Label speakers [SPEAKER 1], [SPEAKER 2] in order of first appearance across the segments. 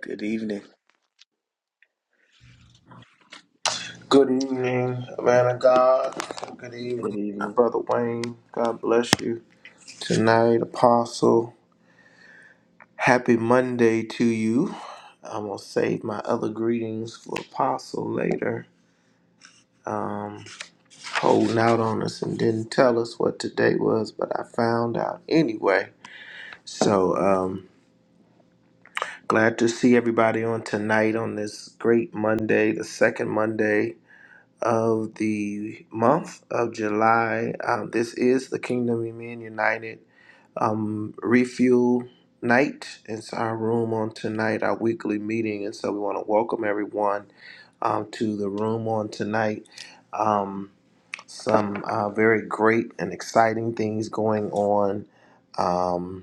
[SPEAKER 1] Good evening.
[SPEAKER 2] Good evening, man of God. Good
[SPEAKER 1] Good
[SPEAKER 2] evening,
[SPEAKER 1] evening.
[SPEAKER 2] Brother Wayne. God bless you tonight, Apostle. Happy Monday to you. I'm going to save my other greetings for Apostle later. Um, holding out on us and didn't tell us what today was, but I found out anyway. So, um, glad to see everybody on tonight on this great Monday, the second Monday of the month of July. Um, this is the Kingdom of Men United um, Refuel Night. It's our room on tonight, our weekly meeting. And so we want to welcome everyone um, to the room on tonight. Um, some uh, very great and exciting things going on. Um,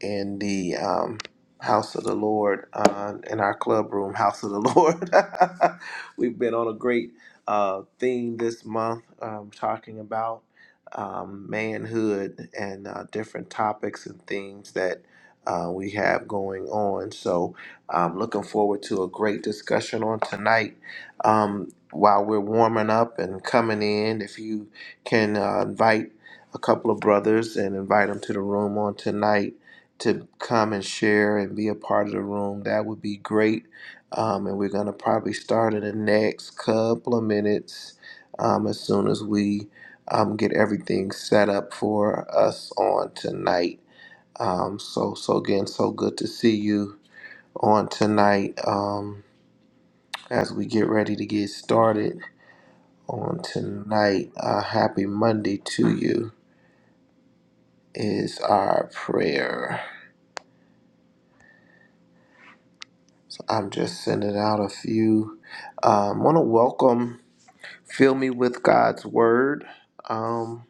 [SPEAKER 2] in the um, House of the Lord, uh, in our club room, House of the Lord. We've been on a great uh, theme this month, um, talking about um, manhood and uh, different topics and themes that uh, we have going on. So I'm looking forward to a great discussion on tonight. Um, while we're warming up and coming in, if you can uh, invite a couple of brothers and invite them to the room on tonight to come and share and be a part of the room, that would be great. Um, and we're going to probably start in the next couple of minutes um, as soon as we um, get everything set up for us on tonight. Um, so, so again, so good to see you on tonight um, as we get ready to get started on tonight. Uh, happy Monday to you is our prayer. I'm just sending out a few. I Um, want to welcome Fill Me With God's Word. Um,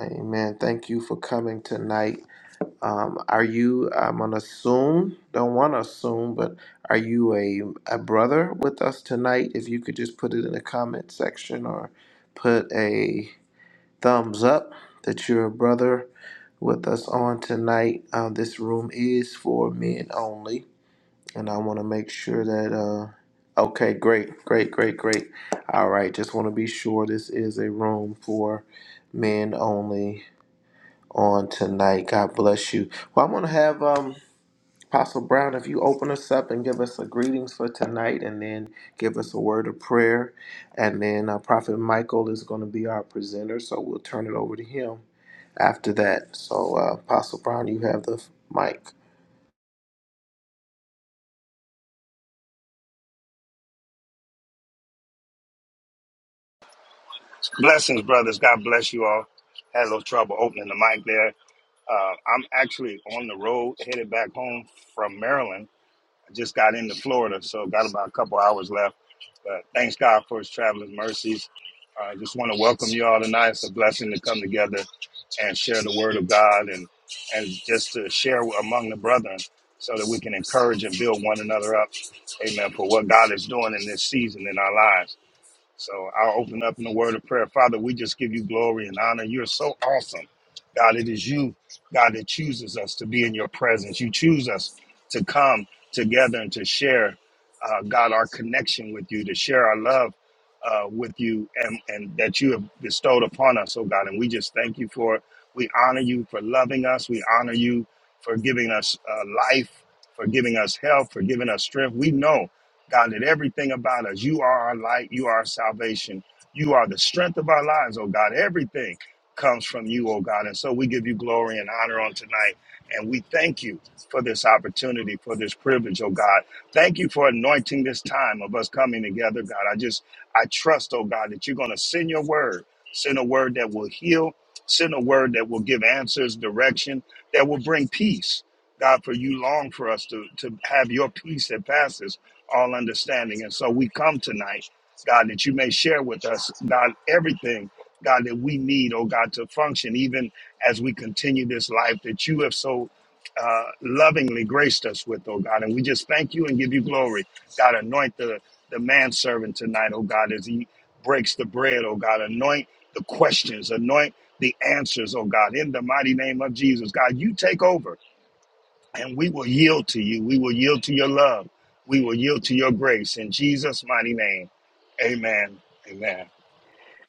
[SPEAKER 2] amen. Thank you for coming tonight. Um, are you, I'm going to assume, don't want to assume, but are you a, a brother with us tonight? If you could just put it in the comment section or put a thumbs up that you're a brother with us on tonight. Um, this room is for men only and I want to make sure that uh okay, great, great, great, great. All right, just want to be sure this is a room for men only on tonight. God bless you. Well, I'm going to have um Apostle Brown if you open us up and give us a greetings for tonight and then give us a word of prayer and then uh, Prophet Michael is going to be our presenter, so we'll turn it over to him after that. So, uh, Apostle Brown, you have the mic.
[SPEAKER 3] Blessings, brothers. God bless you all. Had a little trouble opening the mic there. Uh, I'm actually on the road headed back home from Maryland. I just got into Florida, so got about a couple hours left. But thanks God for his traveling mercies. Uh, I just want to welcome you all tonight. It's a blessing to come together and share the word of God and, and just to share among the brethren so that we can encourage and build one another up. Amen. For what God is doing in this season in our lives. So I'll open up in a word of prayer. Father, we just give you glory and honor. You're so awesome. God, it is you, God, that chooses us to be in your presence. You choose us to come together and to share, uh, God, our connection with you, to share our love uh, with you and, and that you have bestowed upon us, oh God. And we just thank you for it. We honor you for loving us. We honor you for giving us uh, life, for giving us health, for giving us strength. We know. God, that everything about us, you are our light, you are our salvation, you are the strength of our lives, oh God. Everything comes from you, oh God. And so we give you glory and honor on tonight. And we thank you for this opportunity, for this privilege, oh God. Thank you for anointing this time of us coming together, God. I just, I trust, oh God, that you're going to send your word, send a word that will heal, send a word that will give answers, direction, that will bring peace. God, for you long for us to, to have your peace that passes all understanding. And so we come tonight, God, that you may share with us, God, everything, God, that we need, oh God, to function, even as we continue this life that you have so uh, lovingly graced us with, oh God. And we just thank you and give you glory. God, anoint the, the manservant tonight, oh God, as he breaks the bread, oh God. Anoint the questions, anoint the answers, oh God, in the mighty name of Jesus. God, you take over and we will yield to you. We will yield to your love. We will yield to your grace. In Jesus' mighty name, amen. Amen.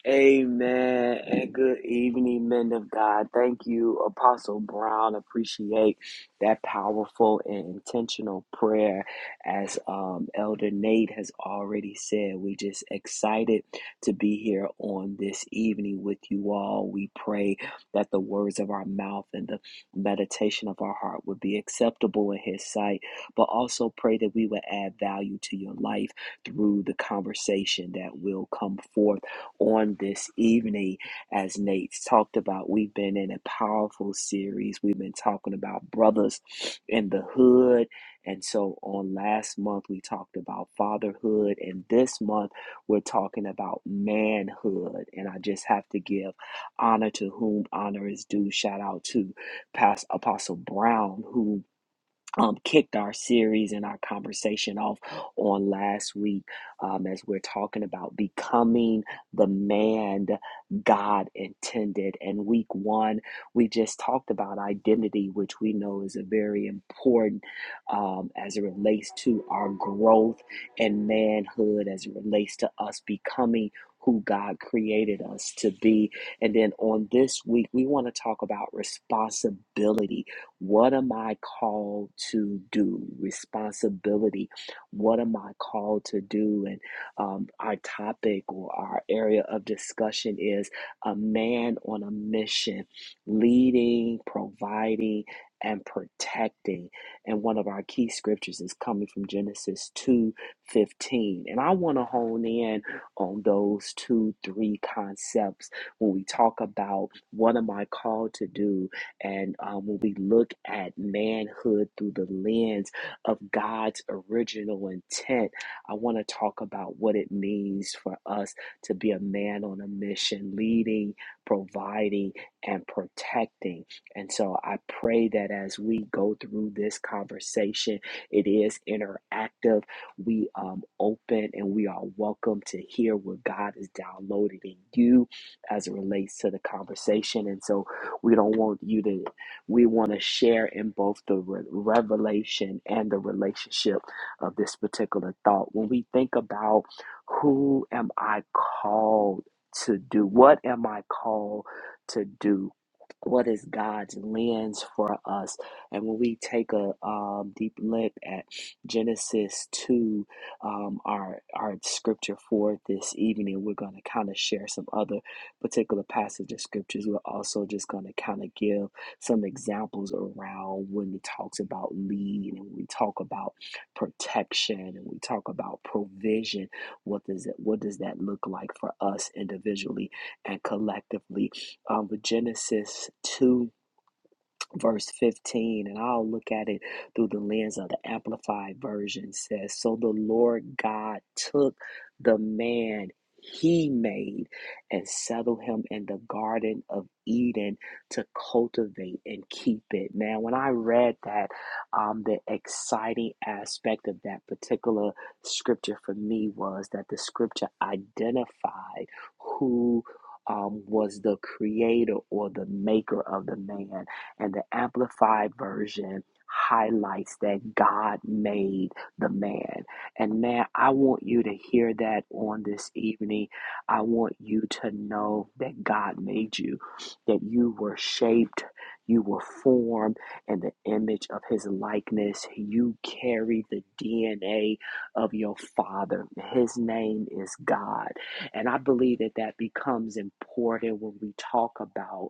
[SPEAKER 1] Amen. And good evening, men of God. Thank you, Apostle Brown. Appreciate that powerful and intentional prayer. As um, Elder Nate has already said, we just excited to be here on this evening with you all. We pray that the words of our mouth and the meditation of our heart would be acceptable in His sight, but also pray that we would add value to your life through the conversation that will come forth on this evening. As Nate's talked about, we've been in a powerful series. We've been talking about brothers in the hood. And so on last month, we talked about fatherhood. And this month, we're talking about manhood. And I just have to give honor to whom honor is due. Shout out to Pastor Apostle Brown, who um, kicked our series and our conversation off on last week um, as we're talking about becoming the man God intended. And week one, we just talked about identity, which we know is a very important um, as it relates to our growth and manhood, as it relates to us becoming. Who God created us to be. And then on this week, we want to talk about responsibility what am I called to do? Responsibility. What am I called to do? And um, our topic or our area of discussion is a man on a mission, leading, providing, and protecting. And one of our key scriptures is coming from Genesis 2 15. And I want to hone in on those two, three concepts when we talk about what am I called to do and um, when we look at manhood through the lens of God's original intent, I want to talk about what it means for us to be a man on a mission, leading, providing, and protecting. And so I pray that as we go through this conversation, it is interactive. We um, open and we are welcome to hear what God is downloading in you as it relates to the conversation. And so we don't want you to, we want to share in both the re- revelation and the relationship of this particular thought. When we think about who am I called to do? What am I called to do? What is God's lens for us? And when we take a um, deep look at Genesis 2, um, our, our scripture for this evening, we're going to kind of share some other particular passage of scriptures. We're also just going to kind of give some examples around when it talks about lead and we talk about protection and we talk about provision. What does it? What does that look like for us individually and collectively? Um, with Genesis two verse 15 and i'll look at it through the lens of the amplified version says so the lord god took the man he made and settled him in the garden of eden to cultivate and keep it man when i read that um, the exciting aspect of that particular scripture for me was that the scripture identified who um, was the creator or the maker of the man and the Amplified Version highlights that God made the man. And man, I want you to hear that on this evening. I want you to know that God made you, that you were shaped, you were formed in the image of his likeness. You carry the DNA of your father. His name is God. And I believe that that becomes important when we talk about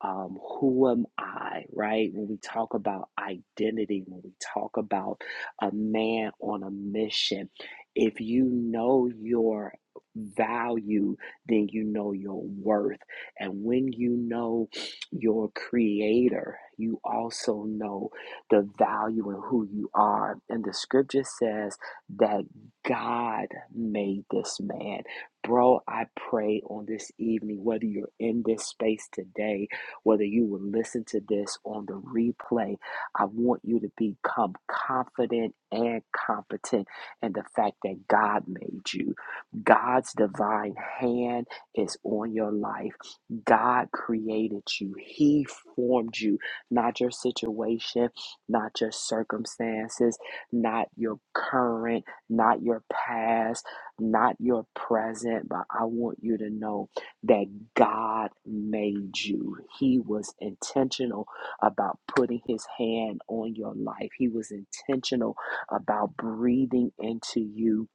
[SPEAKER 1] um, who am I, right? When we talk about identity, when we talk about a man on a mission, if you know your value, then you know your worth. And when you know your creator, you also know the value in who you are. And the scripture says that God made this man. Bro, I pray on this evening, whether you're in this space today whether you will listen to this on the replay, I want you to become confident and competent in the fact that God made you. God's divine hand is on your life. God created you, He formed you, not your situation, not your circumstances, not your current, not your past, not your present, but I want you to know that God made you. He was intentional about putting his hand on your life, he was intentional about breathing into you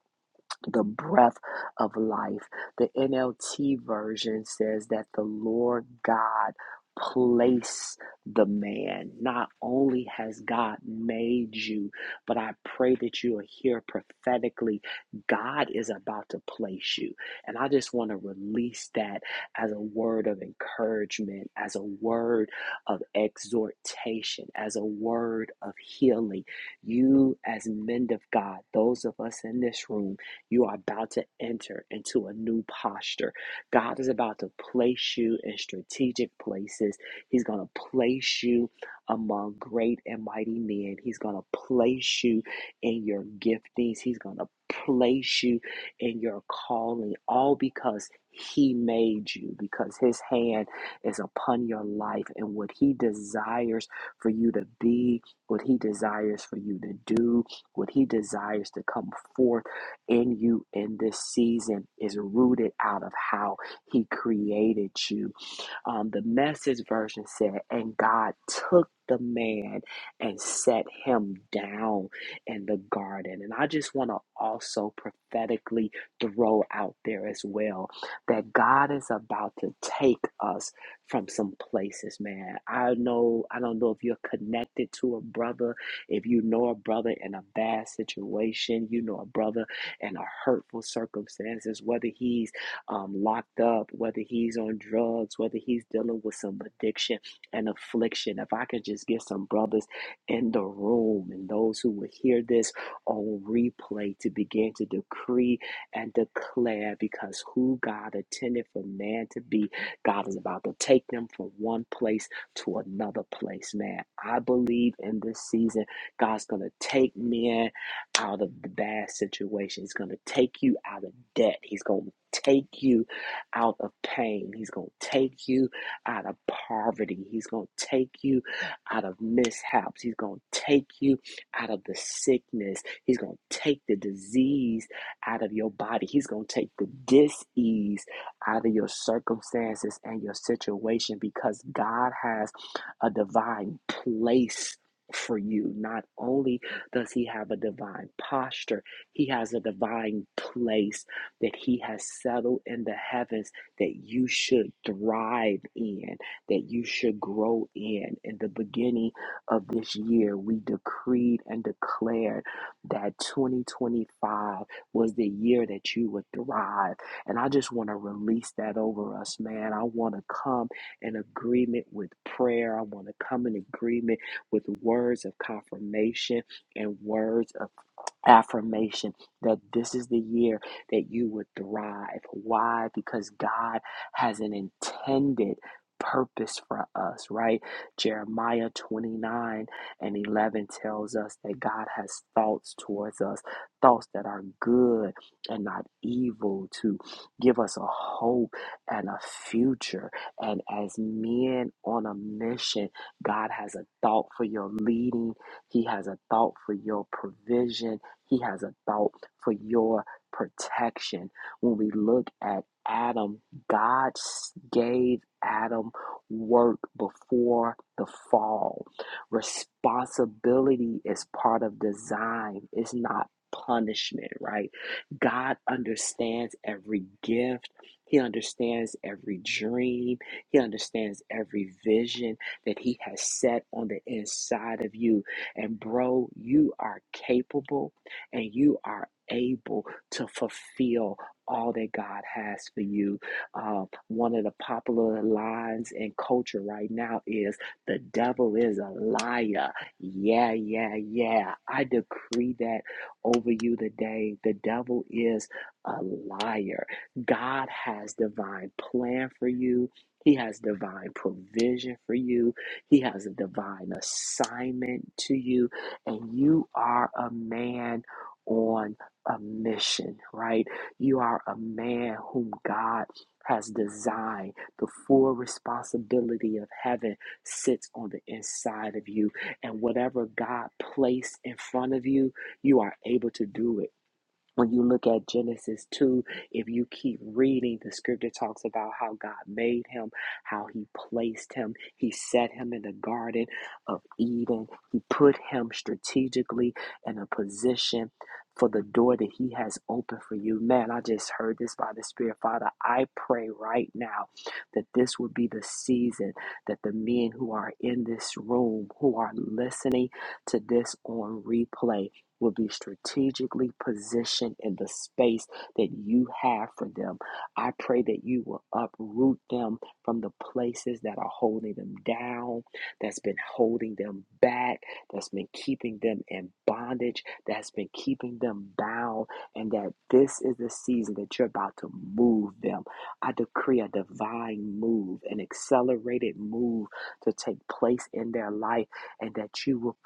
[SPEAKER 1] the breath of life. The NLT version says that the Lord God place the man. Not only has God made you, but I pray that you are here prophetically. God is about to place you. And I just want to release that as a word of encouragement, as a word of exhortation, as a word of healing. You, as men of God, those of us in this room, you are about to enter into a new posture. God is about to place you in strategic places. He's going to place you among great and mighty men. He's going to place you in your giftings. He's going to place you in your calling, all because He made you, because His hand is upon your life and what He desires for you to be, what He desires for you to do, what He desires to come forth in you in this season is rooted out of how He created you um, the message version said, and God took the man and set him down in the garden. And I just want to also prophetically throw out there as well that God is about to take us from some places, man. I know, I don't know if you're connected to a brother, if you know a brother in a bad situation, you know a brother in a hurtful circumstances, whether he's um, locked up, whether he's on drugs, whether he's dealing with some addiction and affliction. If I could just get some brothers in the room and those who would hear this on replay to begin to decree and declare because who God intended for man to be, God is about to take them from one place to another place, man. I believe in this season, God's going to take men out of the bad situation. He's going to take you out of debt. He's going to take you out of pain. He's going to take you out of poverty. He's going to take you out of mishaps. He's going to take you out of the sickness. He's going to take the disease out of your body. He's going to take the disease out of your circumstances and your situation because God has a divine place for you, not only does he have a divine posture? He has a divine place that he has settled in the heavens that you should thrive in, that you should grow in. In the beginning of this year, we decreed and declared that 2025 was the year that you would thrive. And I just want to release that over us, man. I want to come in agreement with prayer. I want to come in agreement with words of confirmation and words of affirmation that this is the year that you would thrive. Why? Because God has an intended purpose for us, right? Jeremiah 29 and 11 tells us that God has thoughts towards us, thoughts that are good and not evil, to give us a hope and a future. And as men on a mission, God has a thought for your leading, He has a thought for your provision. He has a thought for your protection. When we look at Adam, God gave Adam work before the fall. Responsibility is part of design, it's not punishment, right? God understands every gift. He understands every dream. He understands every vision that He has set on the inside of you. And, bro, you are capable and you are able to fulfill all that God has for you. Uh, one of the popular lines in culture right now is the devil is a liar. Yeah, yeah, yeah. I decree that over you today. The devil is a liar. God has divine plan for you. He has divine provision for you. He has a divine assignment to you. And you are a man on a mission, right? You are a man whom God has designed. The full responsibility of heaven sits on the inside of you. And whatever God placed in front of you, you are able to do it when you look at Genesis 2, if you keep reading, the scripture talks about how God made him, how he placed him. He set him in the Garden of Eden. He put him strategically in a position for the door that he has opened for you. Man, I just heard this by the Spirit. Father, I pray right now that this would be the season that the men who are in this room, who are listening to this on replay, will be strategically positioned in the space that you have for them. I pray that you will uproot them from the places that are holding them down, that's been holding them back, that's been keeping them in bondage, that's been keeping them bound, and that this is the season that you're about to move them. I decree a divine move, an accelerated move to take place in their life, and that you will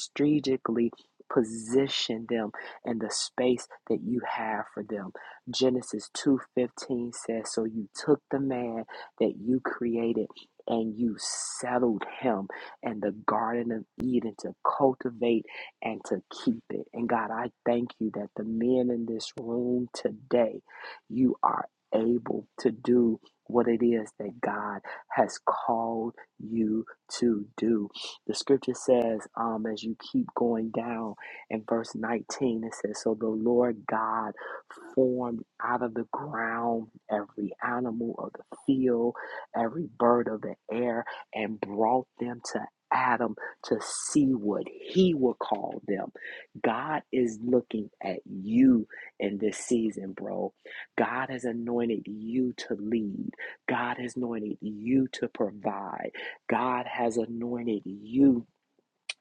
[SPEAKER 1] strategically position them in the space that you have for them. Genesis 2:15 says, "So you took the man that you created and you settled him in the garden of Eden to cultivate and to keep it." And God, I thank you that the men in this room today, you are able to do what it is that God has called you to do. The scripture says, um, as you keep going down in verse 19, it says, So the Lord God formed out of the ground every animal of the field, every bird of the air, and brought them to Adam to see what he would call them. God is looking at you in this season, bro. God has anointed you to lead. God has anointed you to provide. God has anointed you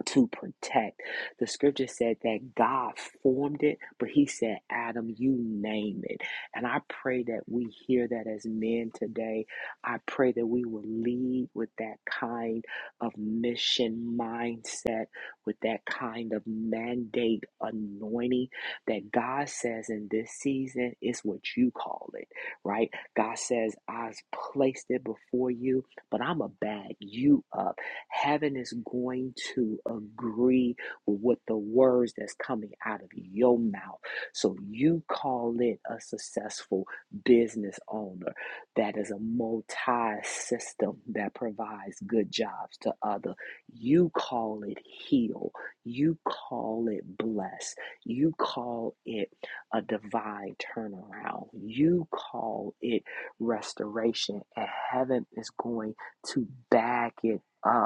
[SPEAKER 1] to protect. The scripture said that God formed it, but he said, Adam, you name it. And I pray that we hear that as men today. I pray that we will lead with that kind of mission mindset, with that kind of mandate anointing that God says in this season is what you call it, right? God says, I've placed it before you, but I'm going to bag you up. Heaven is going to agree with what the words that's coming out of your mouth. So you call it a successful business owner that is a multi system that provides good jobs to other. You call it heal. You call it bless. You call it a divine turnaround. You call it restoration, and heaven is going to back it up.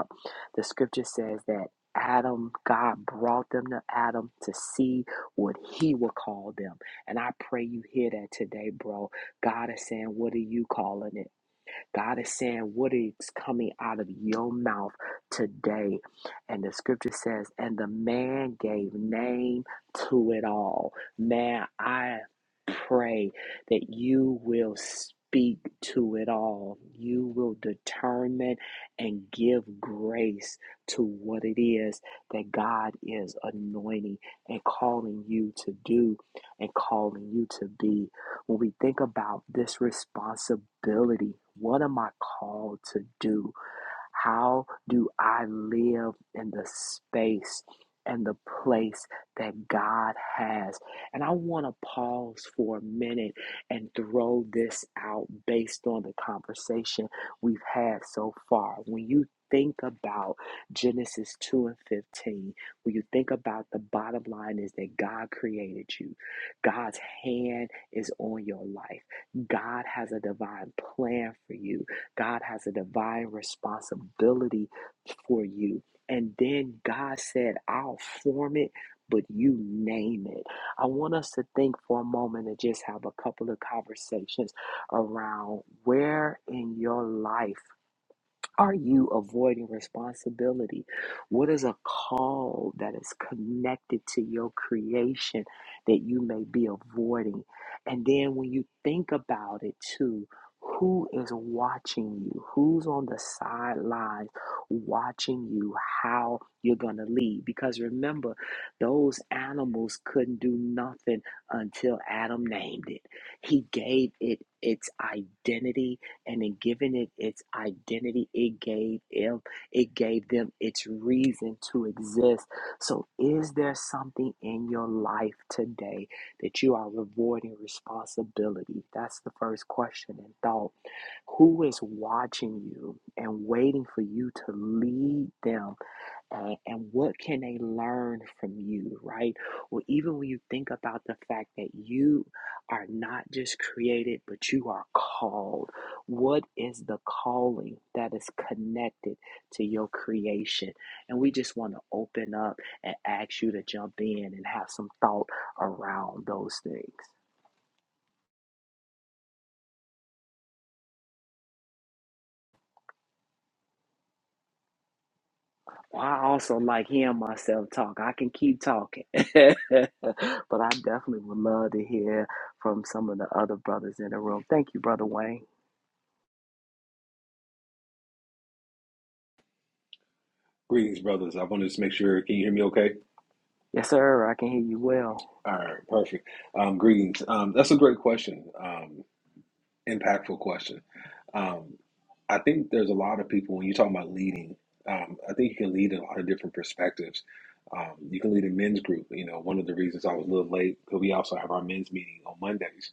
[SPEAKER 1] The scripture says that Adam, God brought them to Adam to see what he will call them. And I pray you hear that today, bro. God is saying, What are you calling it? God is saying what is coming out of your mouth today. And the scripture says, and the man gave name to it all. Man, I pray that you will speak to it all. You will determine and give grace to what it is that God is anointing and calling you to do and calling you to be when we think about this responsibility, what am I called to do? How do I live in the space and the place that God has? And I want to pause for a minute and throw this out based on the conversation we've had so far. When you think about Genesis 2 and 15, when you think about the bottom line is that God created you, God's hand is on your life, God has a divine plan for you. God has a divine responsibility for you. And then God said, I'll form it, but you name it. I want us to think for a moment and just have a couple of conversations around where in your life are you avoiding responsibility? What is a call that is connected to your creation that you may be avoiding? And then when you think about it too, who is watching you? Who's on the sidelines watching you? How you're going to lead? Because remember, those animals couldn't do nothing until Adam named it. He gave it its identity and in giving it its identity it gave them it gave them its reason to exist so is there something in your life today that you are rewarding responsibility that's the first question and thought who is watching you and waiting for you to lead them uh, and what can they learn from you, right? Or even when you think about the fact that you are not just created, but you are called. What is the calling that is connected to your creation? And we just want to open up and ask you to jump in and have some thought around those things. Well, I also like hearing myself talk. I can keep talking, but I definitely would love to hear from some of the other brothers in the room. Thank you, brother Wayne.
[SPEAKER 4] Greetings, brothers. I want to just make sure. Can you hear me okay?
[SPEAKER 1] Yes, sir. I can hear you well.
[SPEAKER 4] All right, perfect. Um, greetings. Um, that's a great question. Um, impactful question. Um, I think there's a lot of people when you talk about leading. Um, I think you can lead in a lot of different perspectives. Um, you can lead a men's group. You know, one of the reasons I was a little late because we also have our men's meeting on Mondays,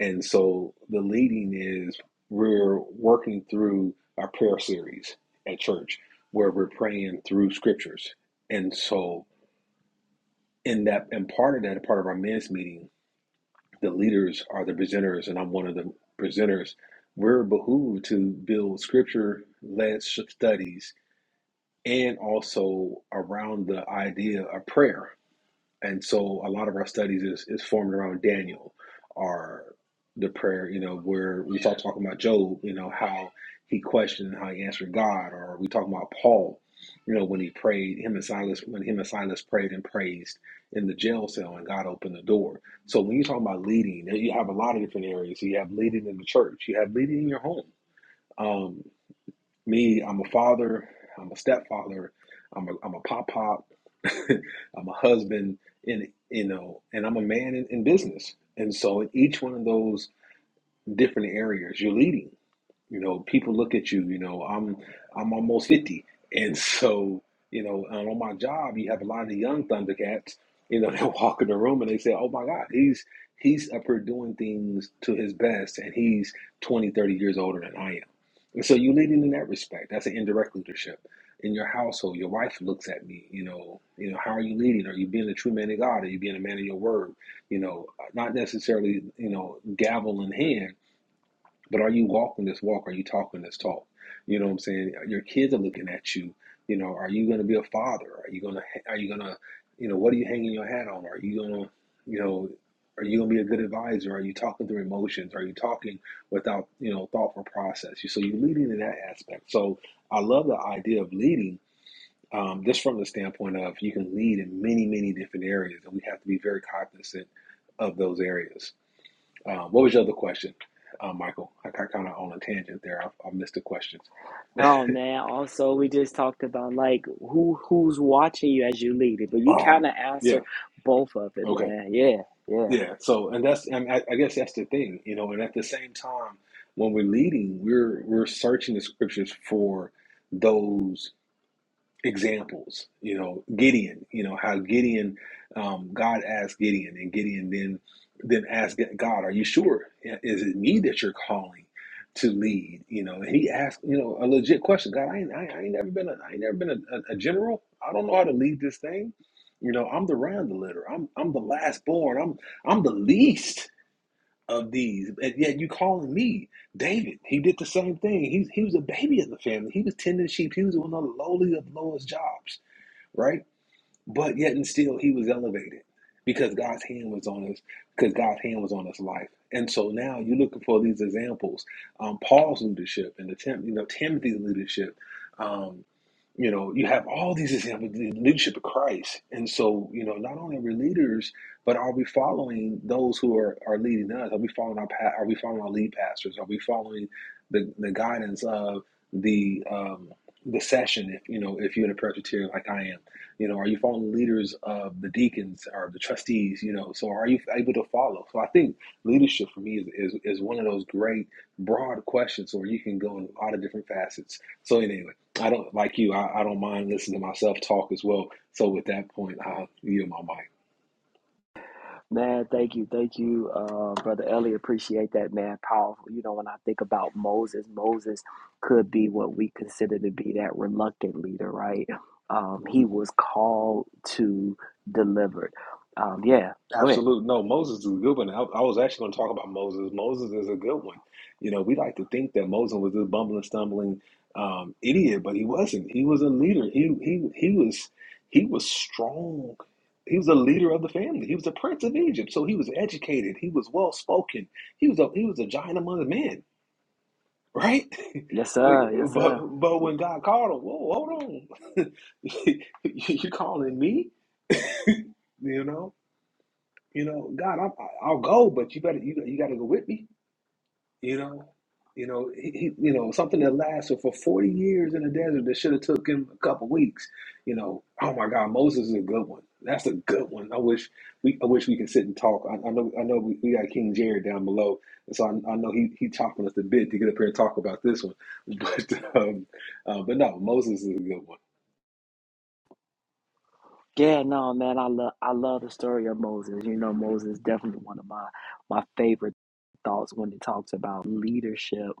[SPEAKER 4] and so the leading is we're working through our prayer series at church where we're praying through scriptures, and so. in that and part of that part of our men's meeting the leaders are the presenters and i'm one of the presenters we're behooved to build scripture led studies and also around the idea of prayer and so a lot of our studies is, is formed around daniel or the prayer you know where we start talking about job you know how he questioned and how he answered god or we talk about paul you know when he prayed him and silas when him and silas prayed and praised in the jail cell and god opened the door so when you talk about leading you have a lot of different areas you have leading in the church you have leading in your home Um, me, I'm a father, I'm a stepfather, I'm a I'm a pop pop, I'm a husband, and you know, and I'm a man in, in business. And so in each one of those different areas, you're leading. You know, people look at you. You know, I'm I'm almost fifty, and so you know, um, on my job, you have a lot of the young Thundercats. You know, they walk in the room and they say, "Oh my God, he's he's up here doing things to his best, and he's 20 30 years older than I am." And so you leading in that respect. That's an indirect leadership. In your household, your wife looks at me. You know, you know, how are you leading? Are you being a true man of God? Are you being a man of your word? You know, not necessarily, you know, gavel in hand, but are you walking this walk? Are you talking this talk? You know what I'm saying? Your kids are looking at you. You know, are you going to be a father? Are you going to, are you going to, you know, what are you hanging your hat on? Are you going to, you know, are you going to be a good advisor? Are you talking through emotions? Are you talking without, you know, thoughtful process? So you're leading in that aspect. So I love the idea of leading um, just from the standpoint of you can lead in many, many different areas, and we have to be very cognizant of those areas. Um, what was your other question, uh, Michael? I got kind of on a tangent there. I, I missed the questions.
[SPEAKER 1] Oh man! Also, we just talked about like who who's watching you as you lead it, but you kind
[SPEAKER 4] Um,
[SPEAKER 1] of
[SPEAKER 4] yeah.
[SPEAKER 1] answered both of it,
[SPEAKER 4] Okay.
[SPEAKER 1] man. Yeah, yeah.
[SPEAKER 4] Yeah. So, and that's, and I, I guess that's the thing, you know. And at the same time, when we're leading, we're we're searching the scriptures for those. examples. You know, Gideon. You know how Gideon, um, God asked Gideon, and Gideon then then asked God, "Are you sure? Is it me that you're calling to lead?" You know, and he asked, you know, a legit question. God, I ain't, I ain't, I ain't never been a, I ain't never been a, a, a general. I don't know how to lead this thing. You know, I'm the round the litter. I'm I'm the last born. I'm I'm the least of these, and yet you calling me David. He did the same thing. He, he was a baby of the family. He was tending sheep. He was one of the lowly of lowest jobs, right? But yet and still, he was elevated because God's hand was on us, because God's hand was on his life. And so now you're looking for these examples. Um, Paul's leadership and the Tim, you know Timothy's leadership. Um, you know, you have all these examples, the leadership of Christ. And so, you know, not only are we leaders, but are we following those who are, are leading us? Are we following our pa- are we following our lead pastors? Are we following the, the guidance of the um, the session if you know if you're in a Presbyterian like I am? You know, are you following the leaders of the deacons or the trustees? You know, so are you able to follow? So I think leadership for me is, is, is one of those great broad questions where you can go in a lot of different facets. So anyway, I don't like you. I, I don't mind listening to myself talk as well. So with that point, I'll yield my mic.
[SPEAKER 1] Man, thank you, thank you, uh, brother Ellie. Appreciate that, man. Powerful. You know, when I think about Moses, Moses could be what we consider to be that reluctant leader, right? Um, he was called to deliver. Um, yeah, go ahead.
[SPEAKER 4] Absolutely. No, Moses is a good one. I, I was actually going to talk about Moses. Moses is a good one. You know, we like to think that Moses was this bumbling, stumbling um, idiot, but he wasn't. He was a leader. He he he was he was strong. He was a leader of the family. He was a prince of Egypt, so he was educated. He was well spoken. He was a he was a giant among the men, right?
[SPEAKER 1] Yes,
[SPEAKER 4] But
[SPEAKER 1] sir. Yes, sir.
[SPEAKER 4] but but when God called him, whoa, hold on, you calling me? You know, you know, God, I'm, I'll go, but you better you, you got to go with me. You know, you know, he, he, you know something that lasted for forty years in the desert that should have took him a couple weeks. You know, oh my God, Moses is a good one. That's a good one. I wish we I wish we could sit and talk. I, I know I know we, we got King Jared down below, so I, I know he he chopping us a bit to get up here and talk about this one. But um, uh, but no, Moses is a good one.
[SPEAKER 1] Yeah, no, man. I love, I love the story of Moses. You know, Moses is definitely one of my my favorite thoughts when it talks about leadership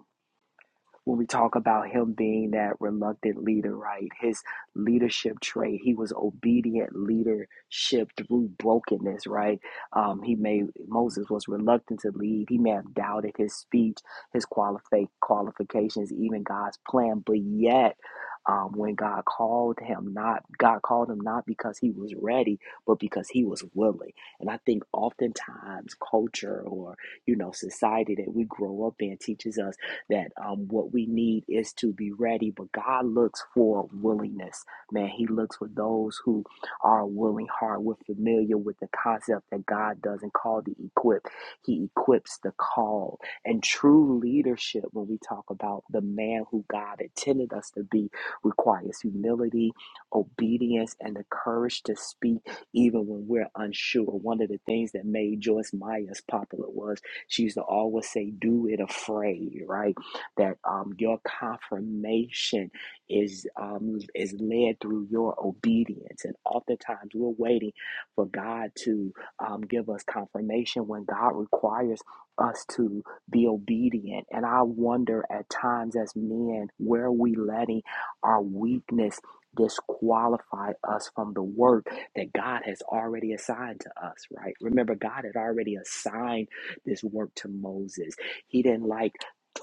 [SPEAKER 1] when we talk about him being that reluctant leader, right? His leadership trait, he was obedient leadership through brokenness, right? Um, he may Moses was reluctant to lead. He may have doubted his speech, his qualifi- qualifications, even God's plan, but yet. Um, when God called him, not God called him not because he was ready, but because he was willing. And I think oftentimes culture or you know society that we grow up in teaches us that um, what we need is to be ready. But God looks for willingness, man. He looks for those who are willing heart. We're familiar with the concept that God doesn't call the equip, He equips the call. And true leadership, when we talk about the man who God intended us to be, requires humility, obedience, and the courage to speak even when we're unsure. One of the things that made Joyce Myers popular was she used to always say, Do it afraid, right? that um, your confirmation is um, is led through your obedience. And oftentimes we're waiting for God to um, give us confirmation when God requires us to be obedient. And I wonder at times as men, where are we letting our weakness disqualify us from the work that God has already assigned to us, right? Remember, God had already assigned this work to Moses. He didn't like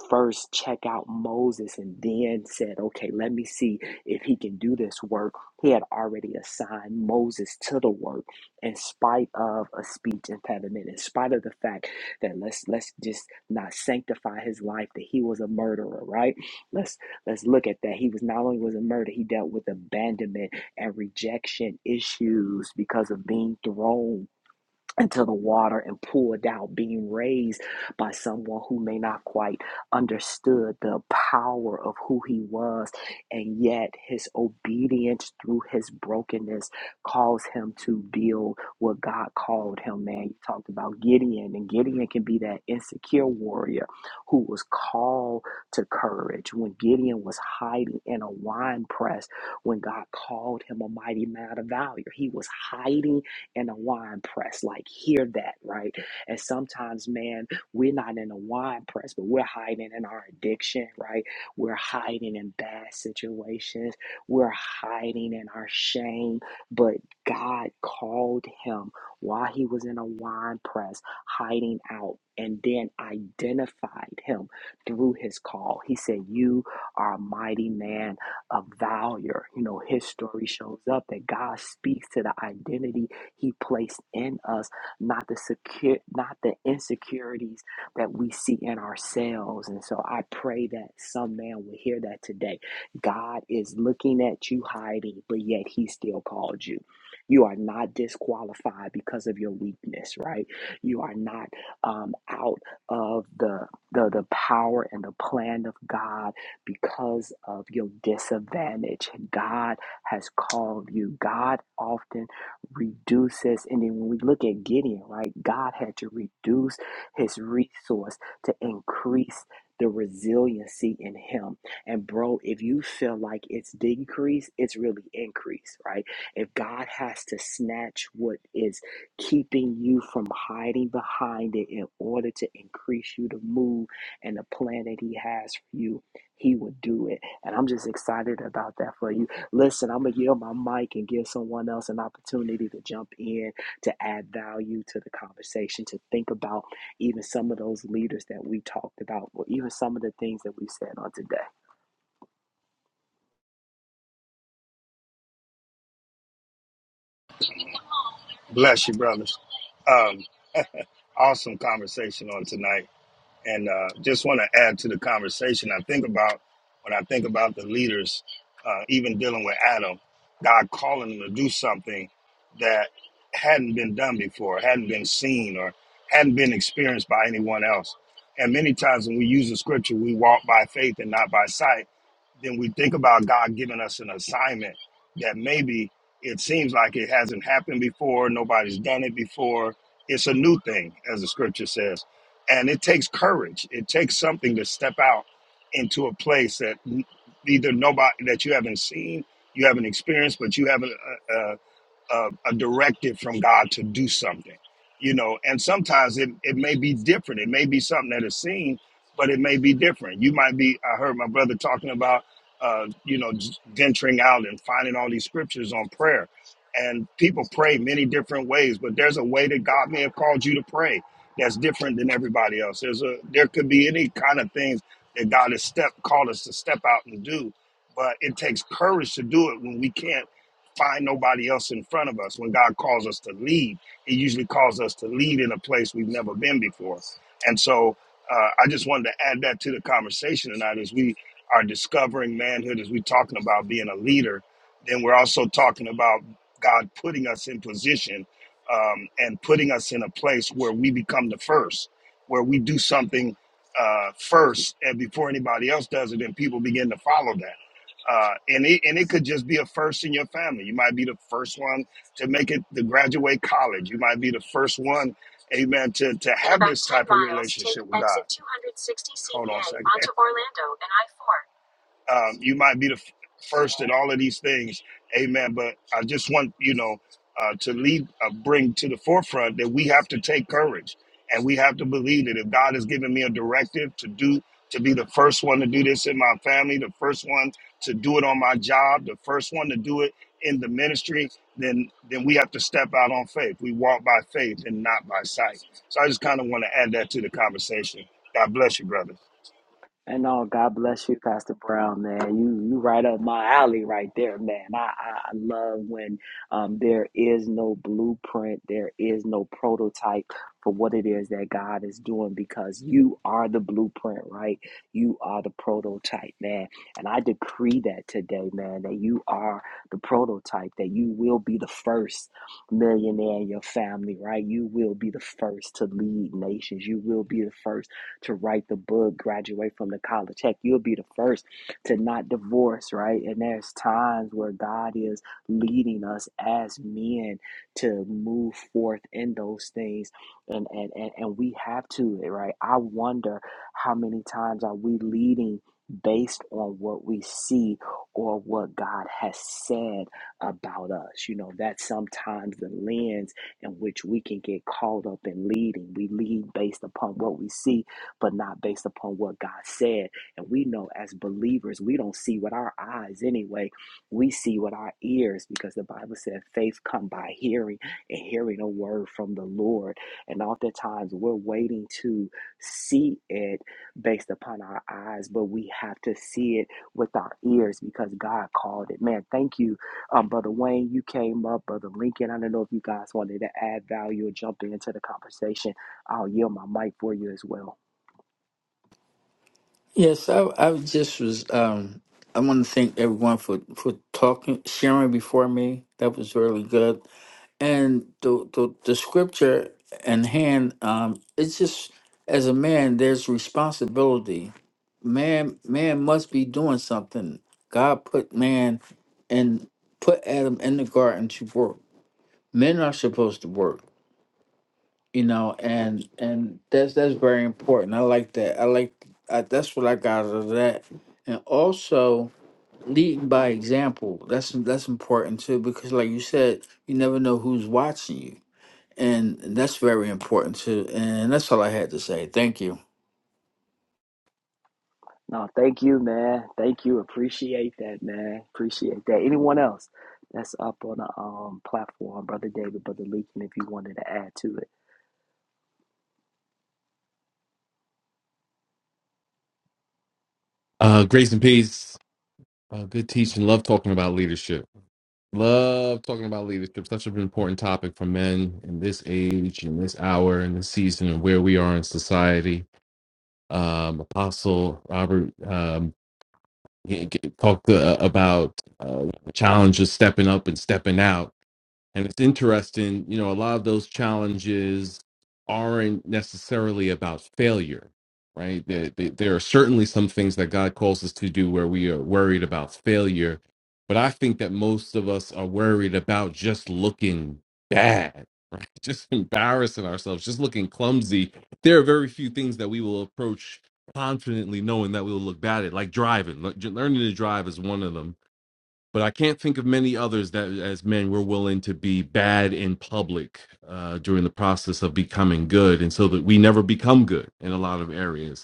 [SPEAKER 1] first check out Moses and then said, okay, let me see if he can do this work. He had already assigned Moses to the work in spite of a speech impediment, in spite of the fact that let's let's just not sanctify his life, that he was a murderer, right? Let's let's look at that. He was not only was a murderer, he dealt with abandonment and rejection issues because of being thrown into the water and poured out, being raised by someone who may not quite understood the power of who he was, and yet his obedience through his brokenness caused him to build what God called him. Man, you talked about Gideon, and Gideon can be that insecure warrior who was called to courage when Gideon was hiding in a wine press when God called him a mighty man of valor. He was hiding in a wine press. Like, hear that, right? And sometimes, man, we're not in a wine press, but we're hiding in our addiction, right? We're hiding in bad situations. We're hiding in our shame. But God called him while he was in a wine press, hiding out, and then identified him through his call. He said, You are a mighty man of valor. You know, his story shows up that God speaks to the identity he placed in us, not the secure, not the insecurities that we see in ourselves. And so I pray that some man will hear that today. God is looking at you hiding, but yet he still called you. You are not disqualified because of your weakness, right? You are not um, out of the, the the power and the plan of God because of your disadvantage. God has called you. God often reduces. And then when we look at Gideon, right, God had to reduce his resource to increase the resiliency in him. And bro, if you feel like it's decrease, it's really increase, right? If God has to snatch what is keeping you from hiding behind it in order to increase you to move and the plan that he has for you, he will do it. And I'm just excited about that for you Listen, I'm going to yield my mic and give someone else an opportunity to jump in, to add value to the conversation, to think about even some of those leaders that we talked about, or even some of the things that we said on today.
[SPEAKER 3] Bless you, brothers. Um, awesome conversation on tonight. and uh, just want to add to the conversation. I think about when I think about the leaders, uh, even dealing with Adam, God calling them to do something that hadn't been done before, hadn't been seen, or hadn't been experienced by anyone else. And many times when we use the scripture, we walk by faith and not by sight. Then we think about God giving us an assignment that maybe it seems like it hasn't happened before, nobody's done it before. It's a new thing, as the scripture says and it takes courage. It takes something to step out into a place that n- either nobody that you haven't seen, you haven't experienced, but you haven't. uh, uh, a, a directive from God to do something, you know. And sometimes it, it may be different. It may be something that is seen, but it may be different. You might be. I heard my brother talking about, uh, you know, j- venturing out and finding all these scriptures on prayer. And people pray many different ways, but there's a way that God may have called you to pray that's different than everybody else. There's a there could be any kind of things that God has step called us to step out and do, but it takes courage to do it when we can't find nobody else in front of us. When God calls us to lead, He usually calls us to lead in a place we've never been before. And so uh, I just wanted to add that to the conversation tonight as we are discovering manhood, as we're talking about being a leader, then we're also talking about God putting us in position um, and putting us in a place where we become the first, where we do something uh, first and before anybody else does it, and people begin to follow that uh, and it and it could just be a first in your family. You might be the first one to make it to graduate college. You might be the first one, amen, to to have In about this type ten of miles, relationship take with God. exit two sixty Hold on a second. Onto Orlando and I four um, you might be the f- first in all of these things amen but i just want you know uh, to lead uh, bring to the forefront that we have to take courage and we have to believe that if god has given me a directive to do to be the first one to do this in my family the first one to do it on my job the first one to do it in the ministry then then we have to step out on faith we walk by faith and not by sight so i just kind of want to add that to the conversation god bless you brother
[SPEAKER 1] And no, God bless you, Pastor Brown, man. You you right up my alley right there, man. I, I, I love when um, there is no blueprint, there is no prototype for what it is that God is doing because you are the blueprint, right? You are the prototype, man. And I decree that today, man, that you are the prototype, that you will be the first millionaire in your family, right? You will be the first to lead nations. You will be the first to write the book, graduate from the college. Heck, you'll be the first to not divorce, right? And there's times where God is leading us as men to move forth in those things. And, and, and, and we have to, right? I wonder how many times are we leading based on what we see or what God has said about us. You know, that's sometimes the lens in which we can get caught up in leading. We lead based upon what we see but not based upon what God said. And we know as believers, we don't see with our eyes anyway. We see with our ears because the Bible said faith come by hearing and hearing a word from the Lord. And oftentimes we're waiting to see it based upon our eyes, but we have to see it with our ears because God called it. Man, thank you, um, Brother Wayne. You came up, Brother Lincoln. I don't know if you guys wanted to add value or jump into the conversation. I'll yield my mic for you as well.
[SPEAKER 5] Yes, I, I just was. Um, I want to thank everyone for for talking, sharing before me. That was really good. And the the, the scripture in hand, um, it's just as a man, there's responsibility. Man, man must be doing something. God put man and put Adam in the garden to work. Men are supposed to work you know and and that's that's very important i like that i like I, that's what i got out of that and also leading by example that's that's important too because like you said you never know who's watching you and that's very important too and that's all i had to say thank you
[SPEAKER 1] No, thank you, man. Thank you. Appreciate that, man. Appreciate that. Anyone else that's up on the um, platform, Brother David, Brother Leakin, if you wanted to add to it.
[SPEAKER 6] Uh, grace and peace. Uh, good teaching. Love talking about leadership. Love talking about leadership. Such an important topic for men in this age, in this hour, in this season, and where we are in society. Um, Apostle Robert um, he- he talked uh, about uh, the challenge of stepping up and stepping out and it's interesting, you know, a lot of those challenges aren't necessarily about failure, right? There, there there are certainly some things that God calls us to do where we are worried about failure. But I think that most of us are worried about just looking bad, right? Just embarrassing ourselves, just looking clumsy. There are very few things that we will approach confidently knowing that we will look bad at, like driving. Lear- Learning to drive is one of them but I can't think of many others that as men we're willing to be bad in public uh, during the process of becoming good, and so that we never become good in a lot of areas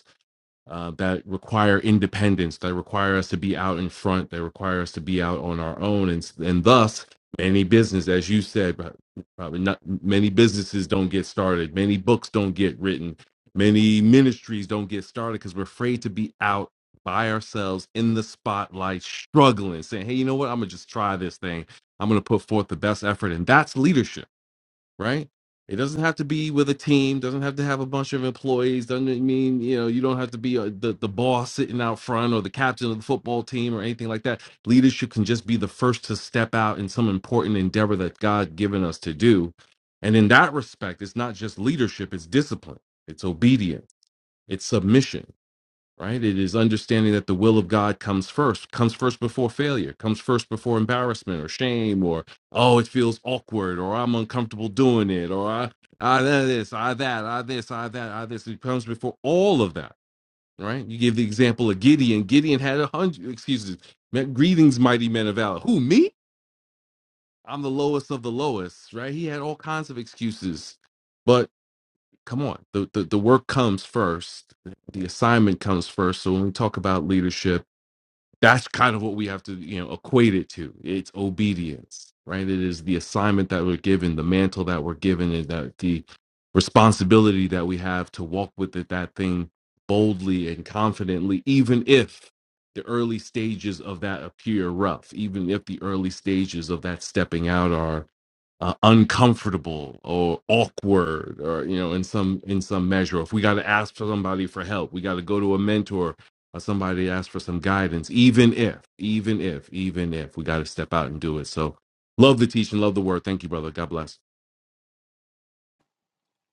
[SPEAKER 6] uh, that require independence, that require us to be out in front, that require us to be out on our own, and and thus many business, as you said, but probably not many businesses don't get started, many books don't get written, many ministries don't get started because we're afraid to be out by ourselves in the spotlight, struggling, saying, "Hey, you know what? I'm gonna just try this thing. I'm gonna put forth the best effort," and that's leadership right? It doesn't have to be with a team, doesn't have to have a bunch of employees, doesn't mean, you know, you don't have to be uh the, the boss sitting out front or the captain of the football team or anything like that. Leadership can just be the first to step out in some important endeavor that God given us to do. And in that respect, it's not just leadership, it's discipline, it's obedience, it's submission right? It is understanding that the will of God comes first, comes first before failure, comes first before embarrassment or shame or oh, it feels awkward or I'm uncomfortable doing it or I I this, I that, I this, I that, I this. It comes before all of that, right? You give the example of Gideon. Gideon had a hundred excuses. Greetings, mighty men of valor. Who me? I'm the lowest of the lowest, right? He had all kinds of excuses, but come on, the the, the work comes first. The assignment comes first. So when we talk about leadership that's kind of what we have to you know equate it to it's obedience right it is the assignment that we're given the mantle that we're given and that the responsibility that we have to walk with it, that thing boldly and confidently even if the early stages of that appear rough even if the early stages of that stepping out are uh, uncomfortable or awkward or you know in some in some measure if we got to ask for somebody for help we got to go to a mentor or somebody to ask for some guidance even if even if even if we got to step out and do it so love the teaching love the word thank you brother god bless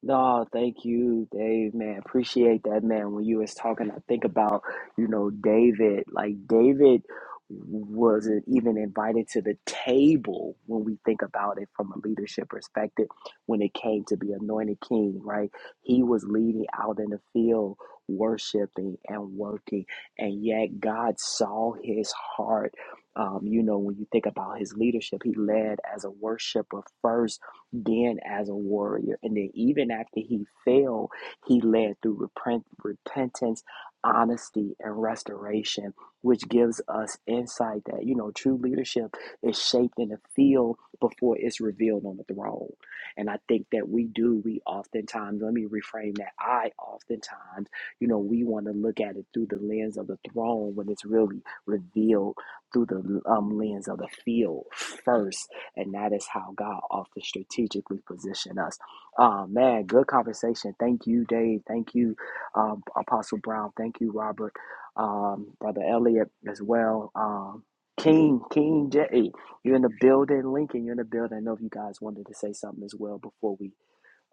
[SPEAKER 1] No, thank you, Dave, man. Appreciate that, man. When you was talking, I think about, you know, David. Like David wasn't even invited to the table when we think about it from a leadership perspective when it came to be anointed king, right? He was leading out in the field, worshiping and working, and yet God saw his heart. Um, you know, when you think about his leadership, he led as a worshiper first then as a warrior. And then even after he fell, he led through repent, repentance, honesty, and restoration, which gives us insight that, you know, true leadership is shaped in the field before it's revealed on the throne. And I think that we do, we oftentimes, let me reframe that, I oftentimes, you know, we want to look at it through the lens of the throne when it's really revealed through the um, lens of the field first and that is how God often strategically position us. Uh, man, good conversation. Thank you, Dave. Thank you, um, Apostle Brown. Thank you, Robert, um, Brother Elliot as well. Um, King, King J, hey, you're in the building. Lincoln, you're in the building. I know if you guys wanted to say something as well before we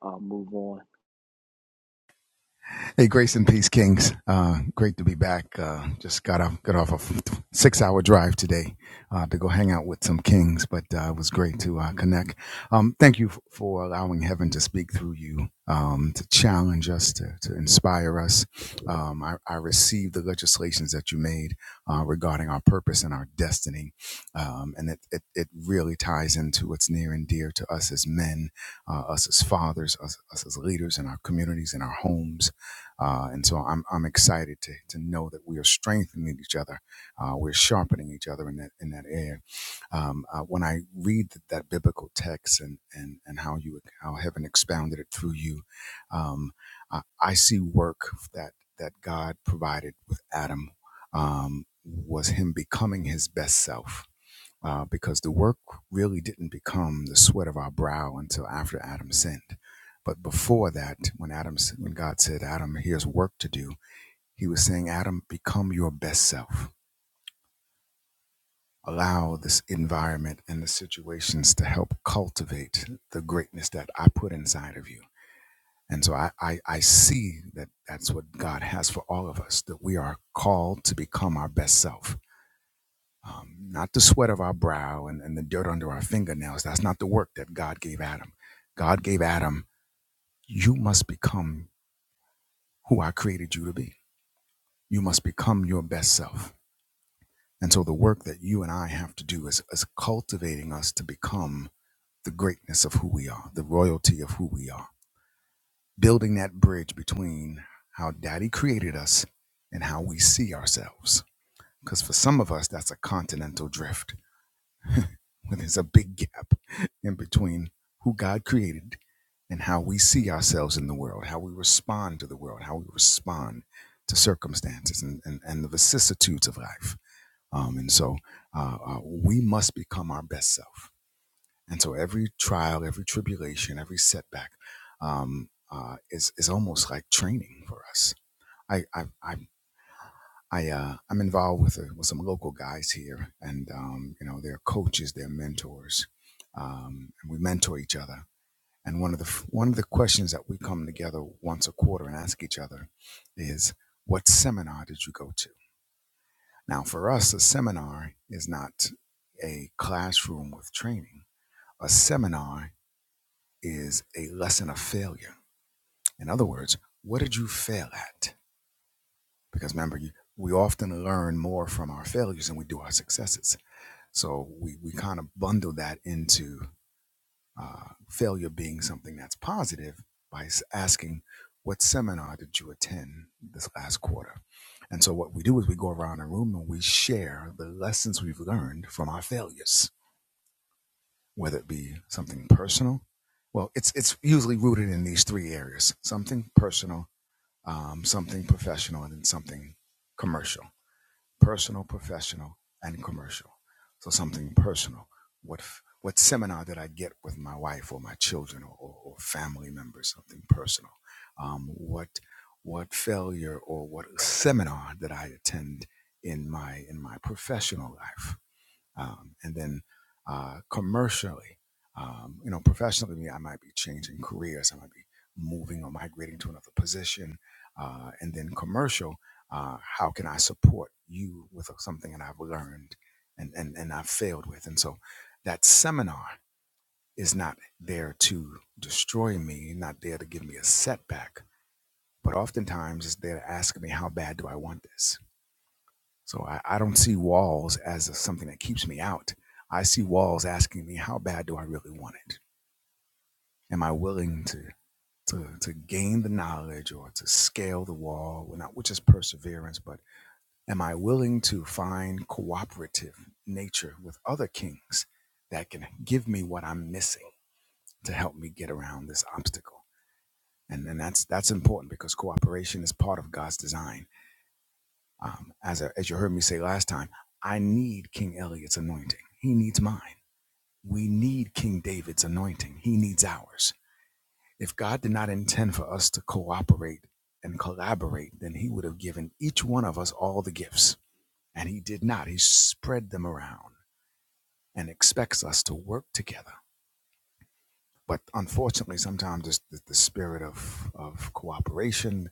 [SPEAKER 1] uh, move on.
[SPEAKER 7] Hey, grace and peace, Kings. Uh, great to be back. Uh, just got off got off a six hour drive today uh, to go hang out with some Kings, but uh, it was great to uh, connect. Um, thank you f- for allowing Heaven to speak through you, um, to challenge us, to, to inspire us. Um, I, I received the legislations that you made uh, regarding our purpose and our destiny, um, and it, it it really ties into what's near and dear to us as men, uh, us as fathers, us, us as leaders in our communities, in our homes uh, and so I'm, I'm excited to, to know that we are strengthening each other. Uh, we're sharpening each other in that, in that area. Um, uh, when I read th- that biblical text and, and, and how you, how heaven expounded it through you, um, I, I see work that, that God provided with Adam, um, was him becoming his best self uh, because the work really didn't become the sweat of our brow until after Adam sinned. But before that, when Adam, when God said, "Adam, here's work to do," He was saying, "Adam, become your best self. Allow this environment and the situations to help cultivate the greatness that I put inside of you." And so I, I, I see that that's what God has for all of us, that we are called to become our best self um, not the sweat of our brow and, and the dirt under our fingernails. That's not the work that God gave Adam. God gave Adam, you must become who I created you to be. You must become your best self. And so the work that you and I have to do is, is cultivating us to become the greatness of who we are, the royalty of who we are, building that bridge between how daddy created us and how we see ourselves. Because for some of us, that's a continental drift when there's a big gap in between who God created and how we see ourselves in the world, how we respond to the world, how we respond to circumstances and, and, and the vicissitudes of life. Um, and so uh, uh, we must become our best self. And so every trial, every tribulation, every setback um, uh, is, is almost like training for us. I, I, I I uh, I'm involved with a, with some local guys here, and um, you know they're coaches, they're mentors, um, and we mentor each other. And one of the f- one of the questions that we come together once a quarter and ask each other is, "What seminar did you go to?" Now, for us, a seminar is not a classroom with training. A seminar is a lesson of failure. In other words, what did you fail at? Because remember, you, we often learn more from our failures than we do our successes. So we, we kind of bundle that into uh, failure being something that's positive by s- asking, What seminar did you attend this last quarter? And so what we do is we go around the room and we share the lessons we've learned from our failures, whether it be something personal. Well, it's, it's usually rooted in these three areas something personal, um, something professional, and then something commercial personal, professional, and commercial. So something personal. What what seminar did I get with my wife or my children or, or, or family members? Something personal. Um, what what failure or what seminar did I attend in my in my professional life? um, and then uh, commercially, um, you know, professionally, I might be changing careers, I might be moving or migrating to another position, uh, and then commercial, uh, how can I support you with something that I've learned and and and I've failed with, and so that seminar is not there to destroy me, not there to give me a setback, but oftentimes it's there to ask me how bad do I want this so I, I don't see walls as something that keeps me out. I see walls asking me, how bad do I really want it? Am I willing to to, to gain the knowledge or to scale the wall, well, not which is perseverance, but am I willing to find cooperative nature with other kings that can give me what I'm missing to help me get around this obstacle? And and that's that's important because cooperation is part of God's design Um, as, I- as you heard me say last time, I need King Eliot's anointing. He needs mine. We need King David's anointing. He needs ours. If God did not intend for us to cooperate and collaborate, then He would have given each one of us all the gifts. And He did not. He spread them around and expects us to work together. But unfortunately, sometimes the, the spirit of, of cooperation,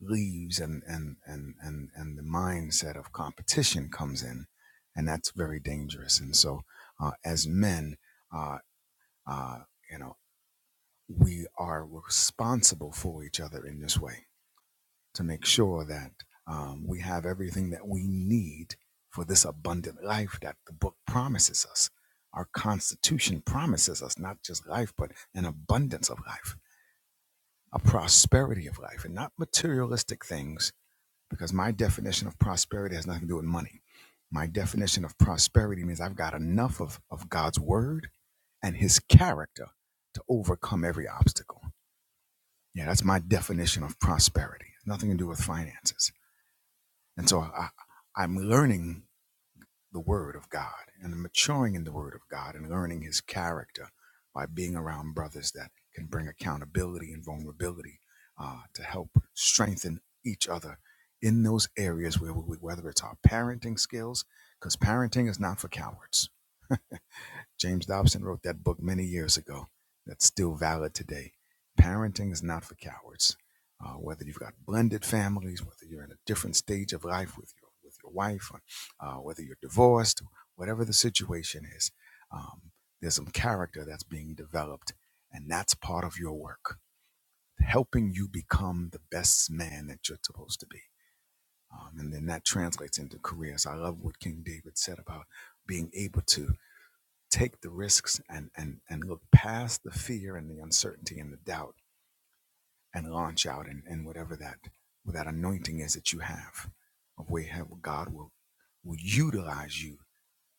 [SPEAKER 7] leaves and and and and and the mindset of competition comes in, and that's very dangerous. And so, uh, as men, uh, uh, you know, we are responsible for each other in this way to make sure that um, we have everything that we need for this abundant life that the book promises us. Our Constitution promises us not just life, but an abundance of life, a prosperity of life, and not materialistic things because my definition of prosperity has nothing to do with money. My definition of prosperity means I've got enough of, of God's word and his character to overcome every obstacle. Yeah, that's my definition of prosperity. Nothing to do with finances. And so I, I'm learning the Word of God and maturing in the Word of God and learning His character by being around brothers that can bring accountability and vulnerability uh, to help strengthen each other in those areas where we, whether it's our parenting skills, because parenting is not for cowards James Dobson wrote that book many years ago that's still valid today. Parenting is not for cowards. Uh, whether you've got blended families, whether you're in a different stage of life with your with your wife, or, uh, whether you're divorced, whatever the situation is, um, there's some character that's being developed, and that's part of your work, helping you become the best man that you're supposed to be. Um, and then that translates into careers. I love what King David said about being able to take the risks and and and look past the fear and the uncertainty and the doubt and launch out and, and whatever that that anointing is that you have of where you have God will will utilize you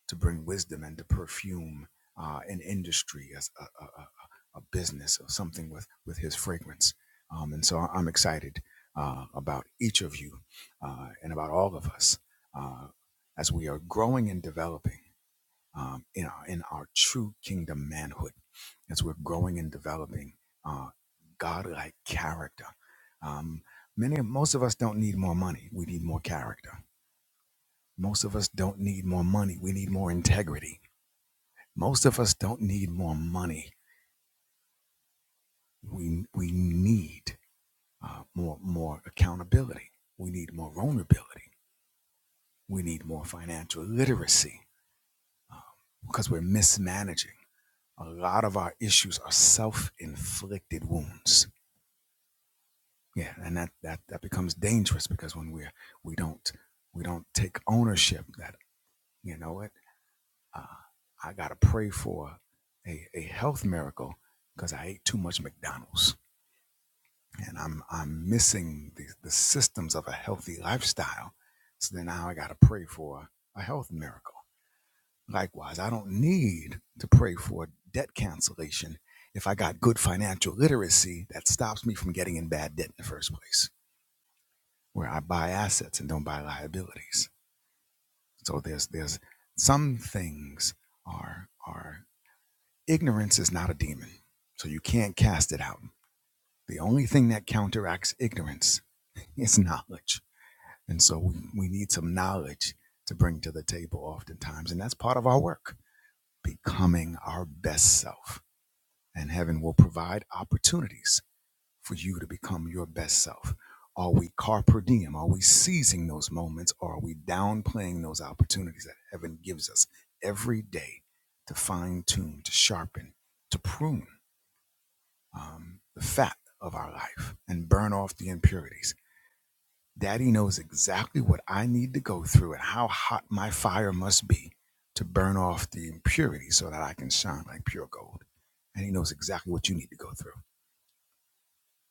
[SPEAKER 7] to bring wisdom and to perfume uh, an industry as a, a, a, a a business or something with with his fragrance um, and so I'm excited uh, about each of you uh, and about all of us uh, as we are growing and developing um, in, our, in our true kingdom manhood as we're growing and developing uh, godlike character. Um, many, most of us don't need more money. We need more character. Most of us don't need more money. We need more integrity. Most of us don't need more money. We we need uh, more more accountability. We need more vulnerability. We need more financial literacy uh, because we're mismanaging. a lot of our issues are self-inflicted wounds yeah and that that that becomes dangerous because when we're we don't we don't take ownership that you know what uh, i gotta pray for a, a health miracle because i ate too much mcdonald's and i'm i'm missing the, the systems of a healthy lifestyle so then now i gotta pray for a health miracle Likewise, I don't need to pray for debt cancellation if I got good financial literacy that stops me from getting in bad debt in the first place, where I buy assets and don't buy liabilities. So there's there's some things are are ignorance is not a demon. So you can't cast it out. The only thing that counteracts ignorance is knowledge. And so we, we need some knowledge to bring to the table oftentimes. And that's part of our work, becoming our best self and heaven will provide opportunities for you to become your best self. Are we carpe diem? Are we seizing those moments? Or are we downplaying those opportunities that heaven gives us every day to fine tune, to sharpen, to prune um, the fat of our life and burn off the impurities? Daddy knows exactly what I need to go through and how hot my fire must be to burn off the impurities so that I can shine like pure gold. And he knows exactly what you need to go through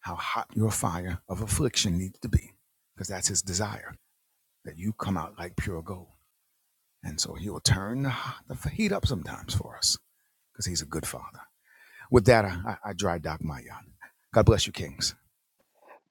[SPEAKER 7] how hot your fire of affliction needs to be, because that's his desire that you come out like pure gold. And so he'll turn the heat up sometimes for us, because he's a good father. With that, I, I I dry dock my yacht. God bless you, kings.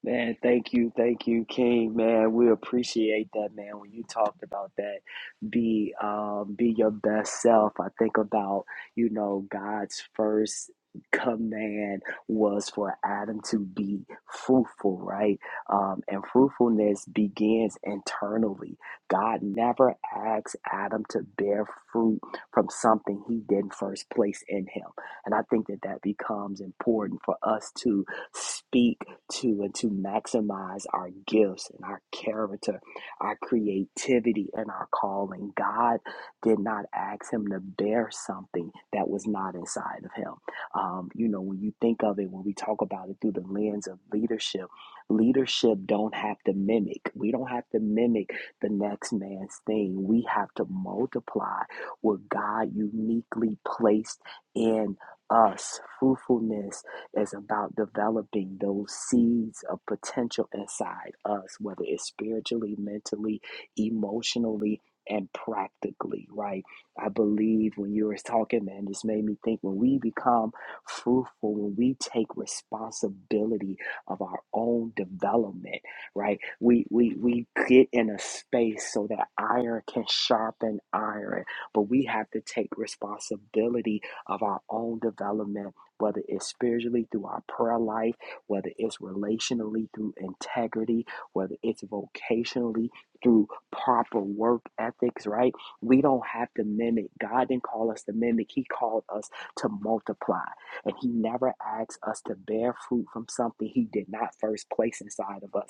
[SPEAKER 1] Man, thank you, thank you, King. Man, we appreciate that, man. When you talked about that, be um, be your best self. I think about you know God's first command was for Adam to be fruitful, right? Um, and fruitfulness begins internally. God never asks Adam to bear fruit from something he didn't first place in him, and I think that that becomes important for us to speak to and to maximize our gifts and our character, our creativity, and our calling. God did not ask him to bear something that was not inside of him. Um, you know, when you think of it, when we talk about it through the lens of leadership, leadership don't have to mimic. We don't have to mimic the next man's thing. We have to multiply what God uniquely placed in us fruitfulness is about developing those seeds of potential inside us, whether it's spiritually, mentally, emotionally, and practically, right? I believe when you were talking, man, this made me think when we become fruitful, when we take responsibility of our own development, right? We we we get in a space so that iron can sharpen iron, but we have to take responsibility of our own development whether it's spiritually through our prayer life, whether it's relationally through integrity, whether it's vocationally through proper work ethics, right? We don't have to mimic. God didn't call us to mimic, He called us to multiply. And He never asks us to bear fruit from something He did not first place inside of us.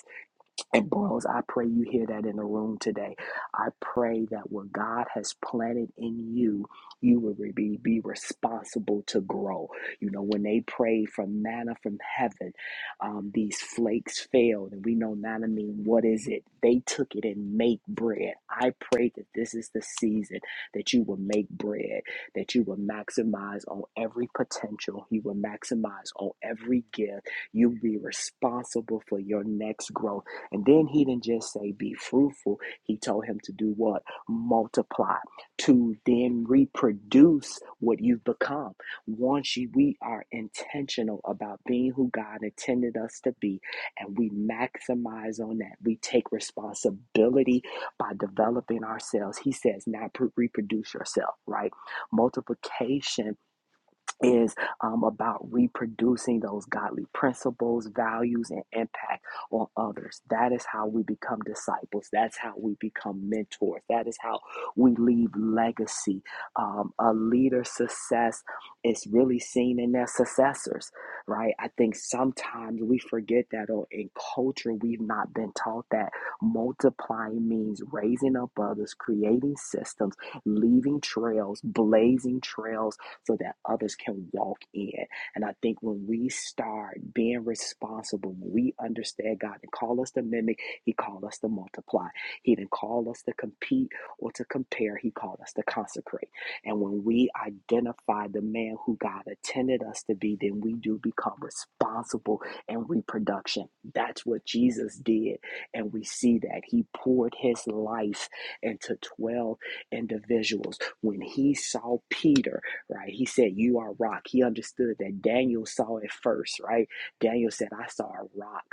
[SPEAKER 1] And bros, I pray you hear that in the room today. I pray that what God has planted in you, you will be, be responsible to grow. You know, when they prayed for manna from heaven, um, these flakes failed, and we know manna means what is it? They took it and make bread. I pray that this is the season that you will make bread, that you will maximize on every potential, you will maximize on every gift, you will be responsible for your next growth and then he didn't just say be fruitful. He told him to do what? Multiply, to then reproduce what you've become. Once you, we are intentional about being who God intended us to be, and we maximize on that, we take responsibility by developing ourselves. He says, not reproduce yourself, right? Multiplication is um, about reproducing those godly principles, values, and impact on others. That is how we become disciples. That's how we become mentors. That is how we leave legacy. Um, a leader's success is really seen in their successors, right? I think sometimes we forget that, or in culture, we've not been taught that multiplying means raising up others, creating systems, leaving trails, blazing trails so that others can walk in. And I think when we start being responsible, when we understand God and call us to mimic, He called us to multiply. He didn't call us to compete or to compare. He called us to consecrate. And when we identify the man who God intended us to be, then we do become responsible in reproduction. That's what Jesus did. And we see that He poured His life into 12 individuals. When He saw Peter, right? He said, You are rock. He understood that Daniel saw it first, right? Daniel said, I saw a rock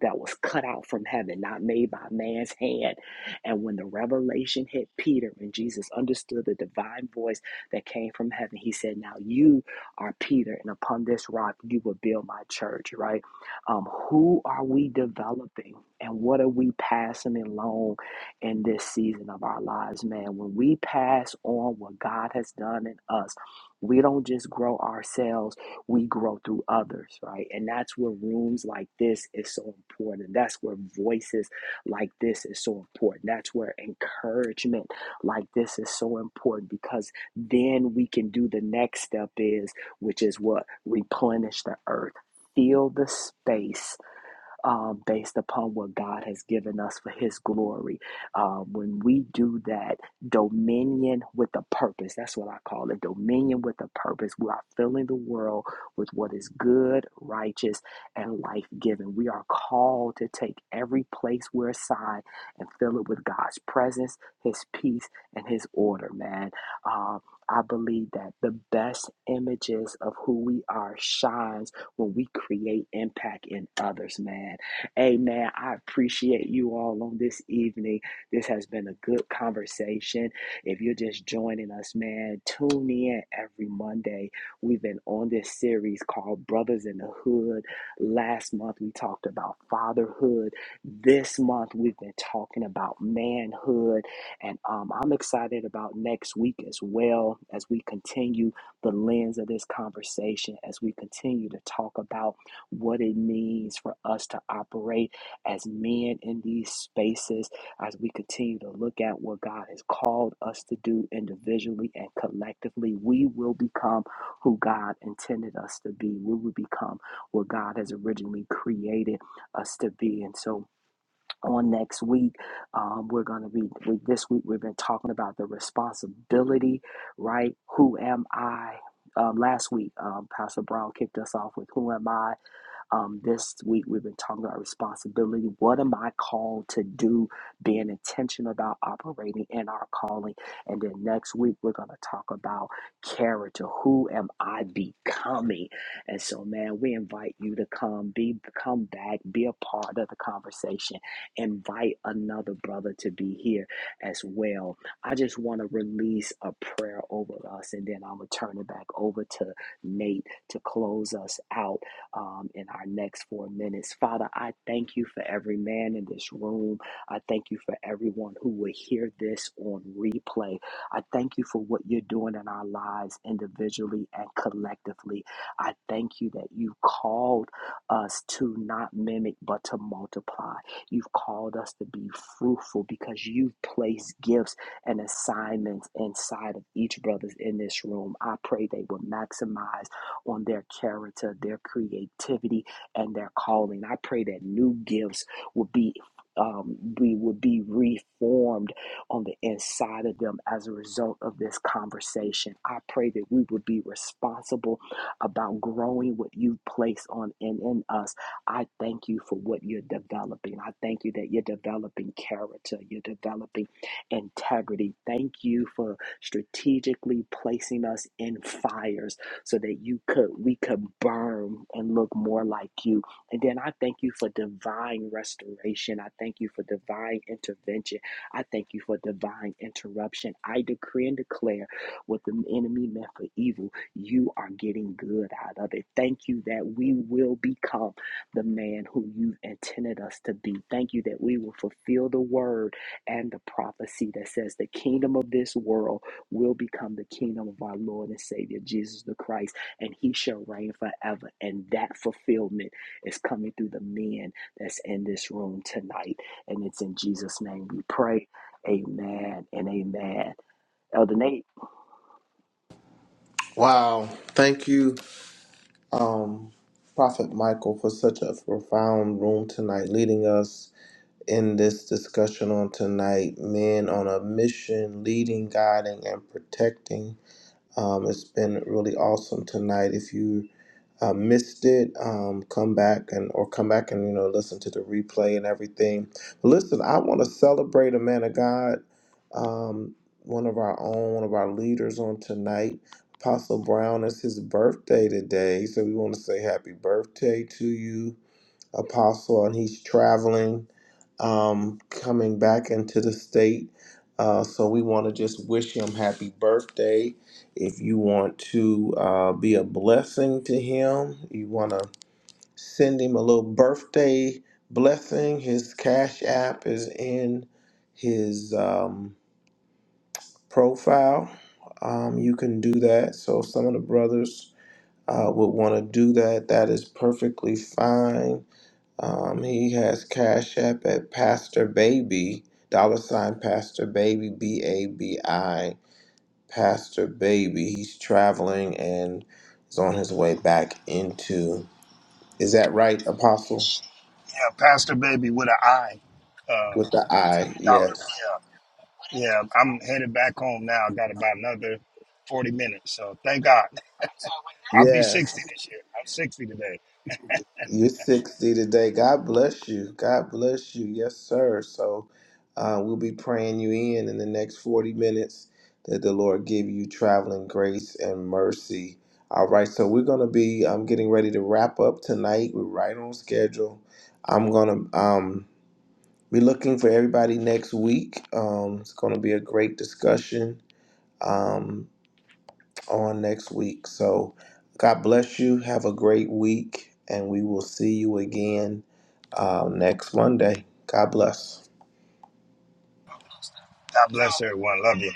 [SPEAKER 1] that was cut out from heaven, not made by man's hand. And when the revelation hit Peter and Jesus understood the divine voice that came from heaven, he said, Now you are Peter, and upon this rock you will build my church, right? Um, who are we developing and what are we passing along in this season of our lives, man? When we pass on what God has done in us, we don't just grow ourselves, we grow through others, right? And that's where rooms like this is so important. That's where voices like this is so important. That's where encouragement like this is so important because then we can do the next step is, which is what? Replenish the earth, fill the space um, based upon what God has given us for His glory. Um, when we do that, dominion with a purpose, that's what I call it dominion with a purpose. We are filling the world with what is good, righteous, and life giving. We are called to take every place we're assigned and fill it with God's presence, His peace, and His order, man. Um, I believe that the best images of who we are shines when we create impact in others, man. Amen. I appreciate you all on this evening. This has been a good conversation. If you're just joining us, man, tune in every Monday. We've been on this series called Brothers in the Hood. Last month, we talked about fatherhood. This month, we've been talking about manhood. And um, I'm excited about next week as well as we continue the lens of this conversation as we continue to talk about what it means for us to operate as men in these spaces, as we continue to look at what God has called us to do individually and collectively. We will become who God intended us to be, we will become what God has originally created us to be. And so, on next week. Um, we're going to be we, this week. We've been talking about the responsibility, right? Who am I? Um, last week, um, Pastor Brown kicked us off with "Who am I?" Um, this week we've been talking about responsibility. What am I called to do? Being intentional about operating in our calling. And then next week we're going to talk about character. Who am I becoming? And so, man, we invite you to come, be come back, be a part of the conversation. Invite another brother to be here as well. I just want to release a prayer over us, and then I'm gonna turn it back over to Nate to close us out um, in our next four minutes. Father, I thank you for every man in this room. I thank you for everyone who will hear this on replay. I thank you for what you're doing in our lives individually and collectively. I thank you that you've called us to not mimic but to multiply. You've called us to be fruitful because you've placed gifts and assignments inside of each brother's in this room. I pray they will maximize on their character, their creativity, and their calling. I pray that new gifts will be. Um, we will be reformed on the inside of them as a result of this conversation. I pray that we will be responsible about growing what you place on and in us. I thank you for what you're developing. I thank you that you're developing character, you're developing integrity. Thank you for strategically placing us in fires so that you could we could burn and look more like you. And then I thank you for divine restoration. I thank you for divine intervention. I thank you for divine interruption. I decree and declare what the enemy meant for evil, you are getting good out of it. Thank you that we will become the man who you intended us to be. Thank you that we will fulfill the word and the prophecy that says the kingdom of this world will become the kingdom of our Lord and Savior Jesus the Christ, and he shall reign forever. And that fulfillment is coming through the men that's in this room tonight. And it's in Jesus' name we pray. Amen and amen. Elder Nate.
[SPEAKER 2] Wow. Thank you. um, Prophet Michael, for such a profound room tonight, leading us in this discussion on tonight. Men on a mission, leading, guiding, and protecting. Um, it's been really awesome tonight. If you uh, missed it, um, come back and or come back and you know listen to the replay and everything. But listen, I want to celebrate a man of God, um, one of our own, one of our leaders on tonight. Apostle Brown It's his birthday today, so we want to say happy birthday to you apostle, and he's traveling, um, coming back into the state. Uh, so we want to just wish him happy birthday. If you want to uh, be a blessing to him, you want to send him a little birthday blessing. His Cash App is in his um, profile. Um, you can do that. So if some of the brothers uh, would want to do that, that is perfectly fine um, he has Cash App at Pastor Baby, dollar sign Pastor Baby, B A B I, Pastor Baby. He's traveling and is on his way back into. Is that right, Apostle?
[SPEAKER 3] yeah pastor baby with an I.
[SPEAKER 2] With the I,
[SPEAKER 3] Dollar.
[SPEAKER 2] yes.
[SPEAKER 3] Yeah. Yeah. I'm headed back home now. I got about another 40 minutes. So thank God. I'll be
[SPEAKER 2] Yes.
[SPEAKER 3] 60 this year. I'm 60 today.
[SPEAKER 2] You're 60 today. God bless you. God bless you. Yes, sir. So uh, we'll be praying you in in the next 40 minutes that the Lord give you traveling grace and mercy. All right. So we're going to be um, getting ready to wrap up tonight. We're right on schedule. I'm going to um, be looking for everybody next week. Um, it's going to be a great discussion. Um, on next week. So God bless you. Have a great week, and we will see you again uh, next Monday. God bless.
[SPEAKER 3] God bless everyone. Love you.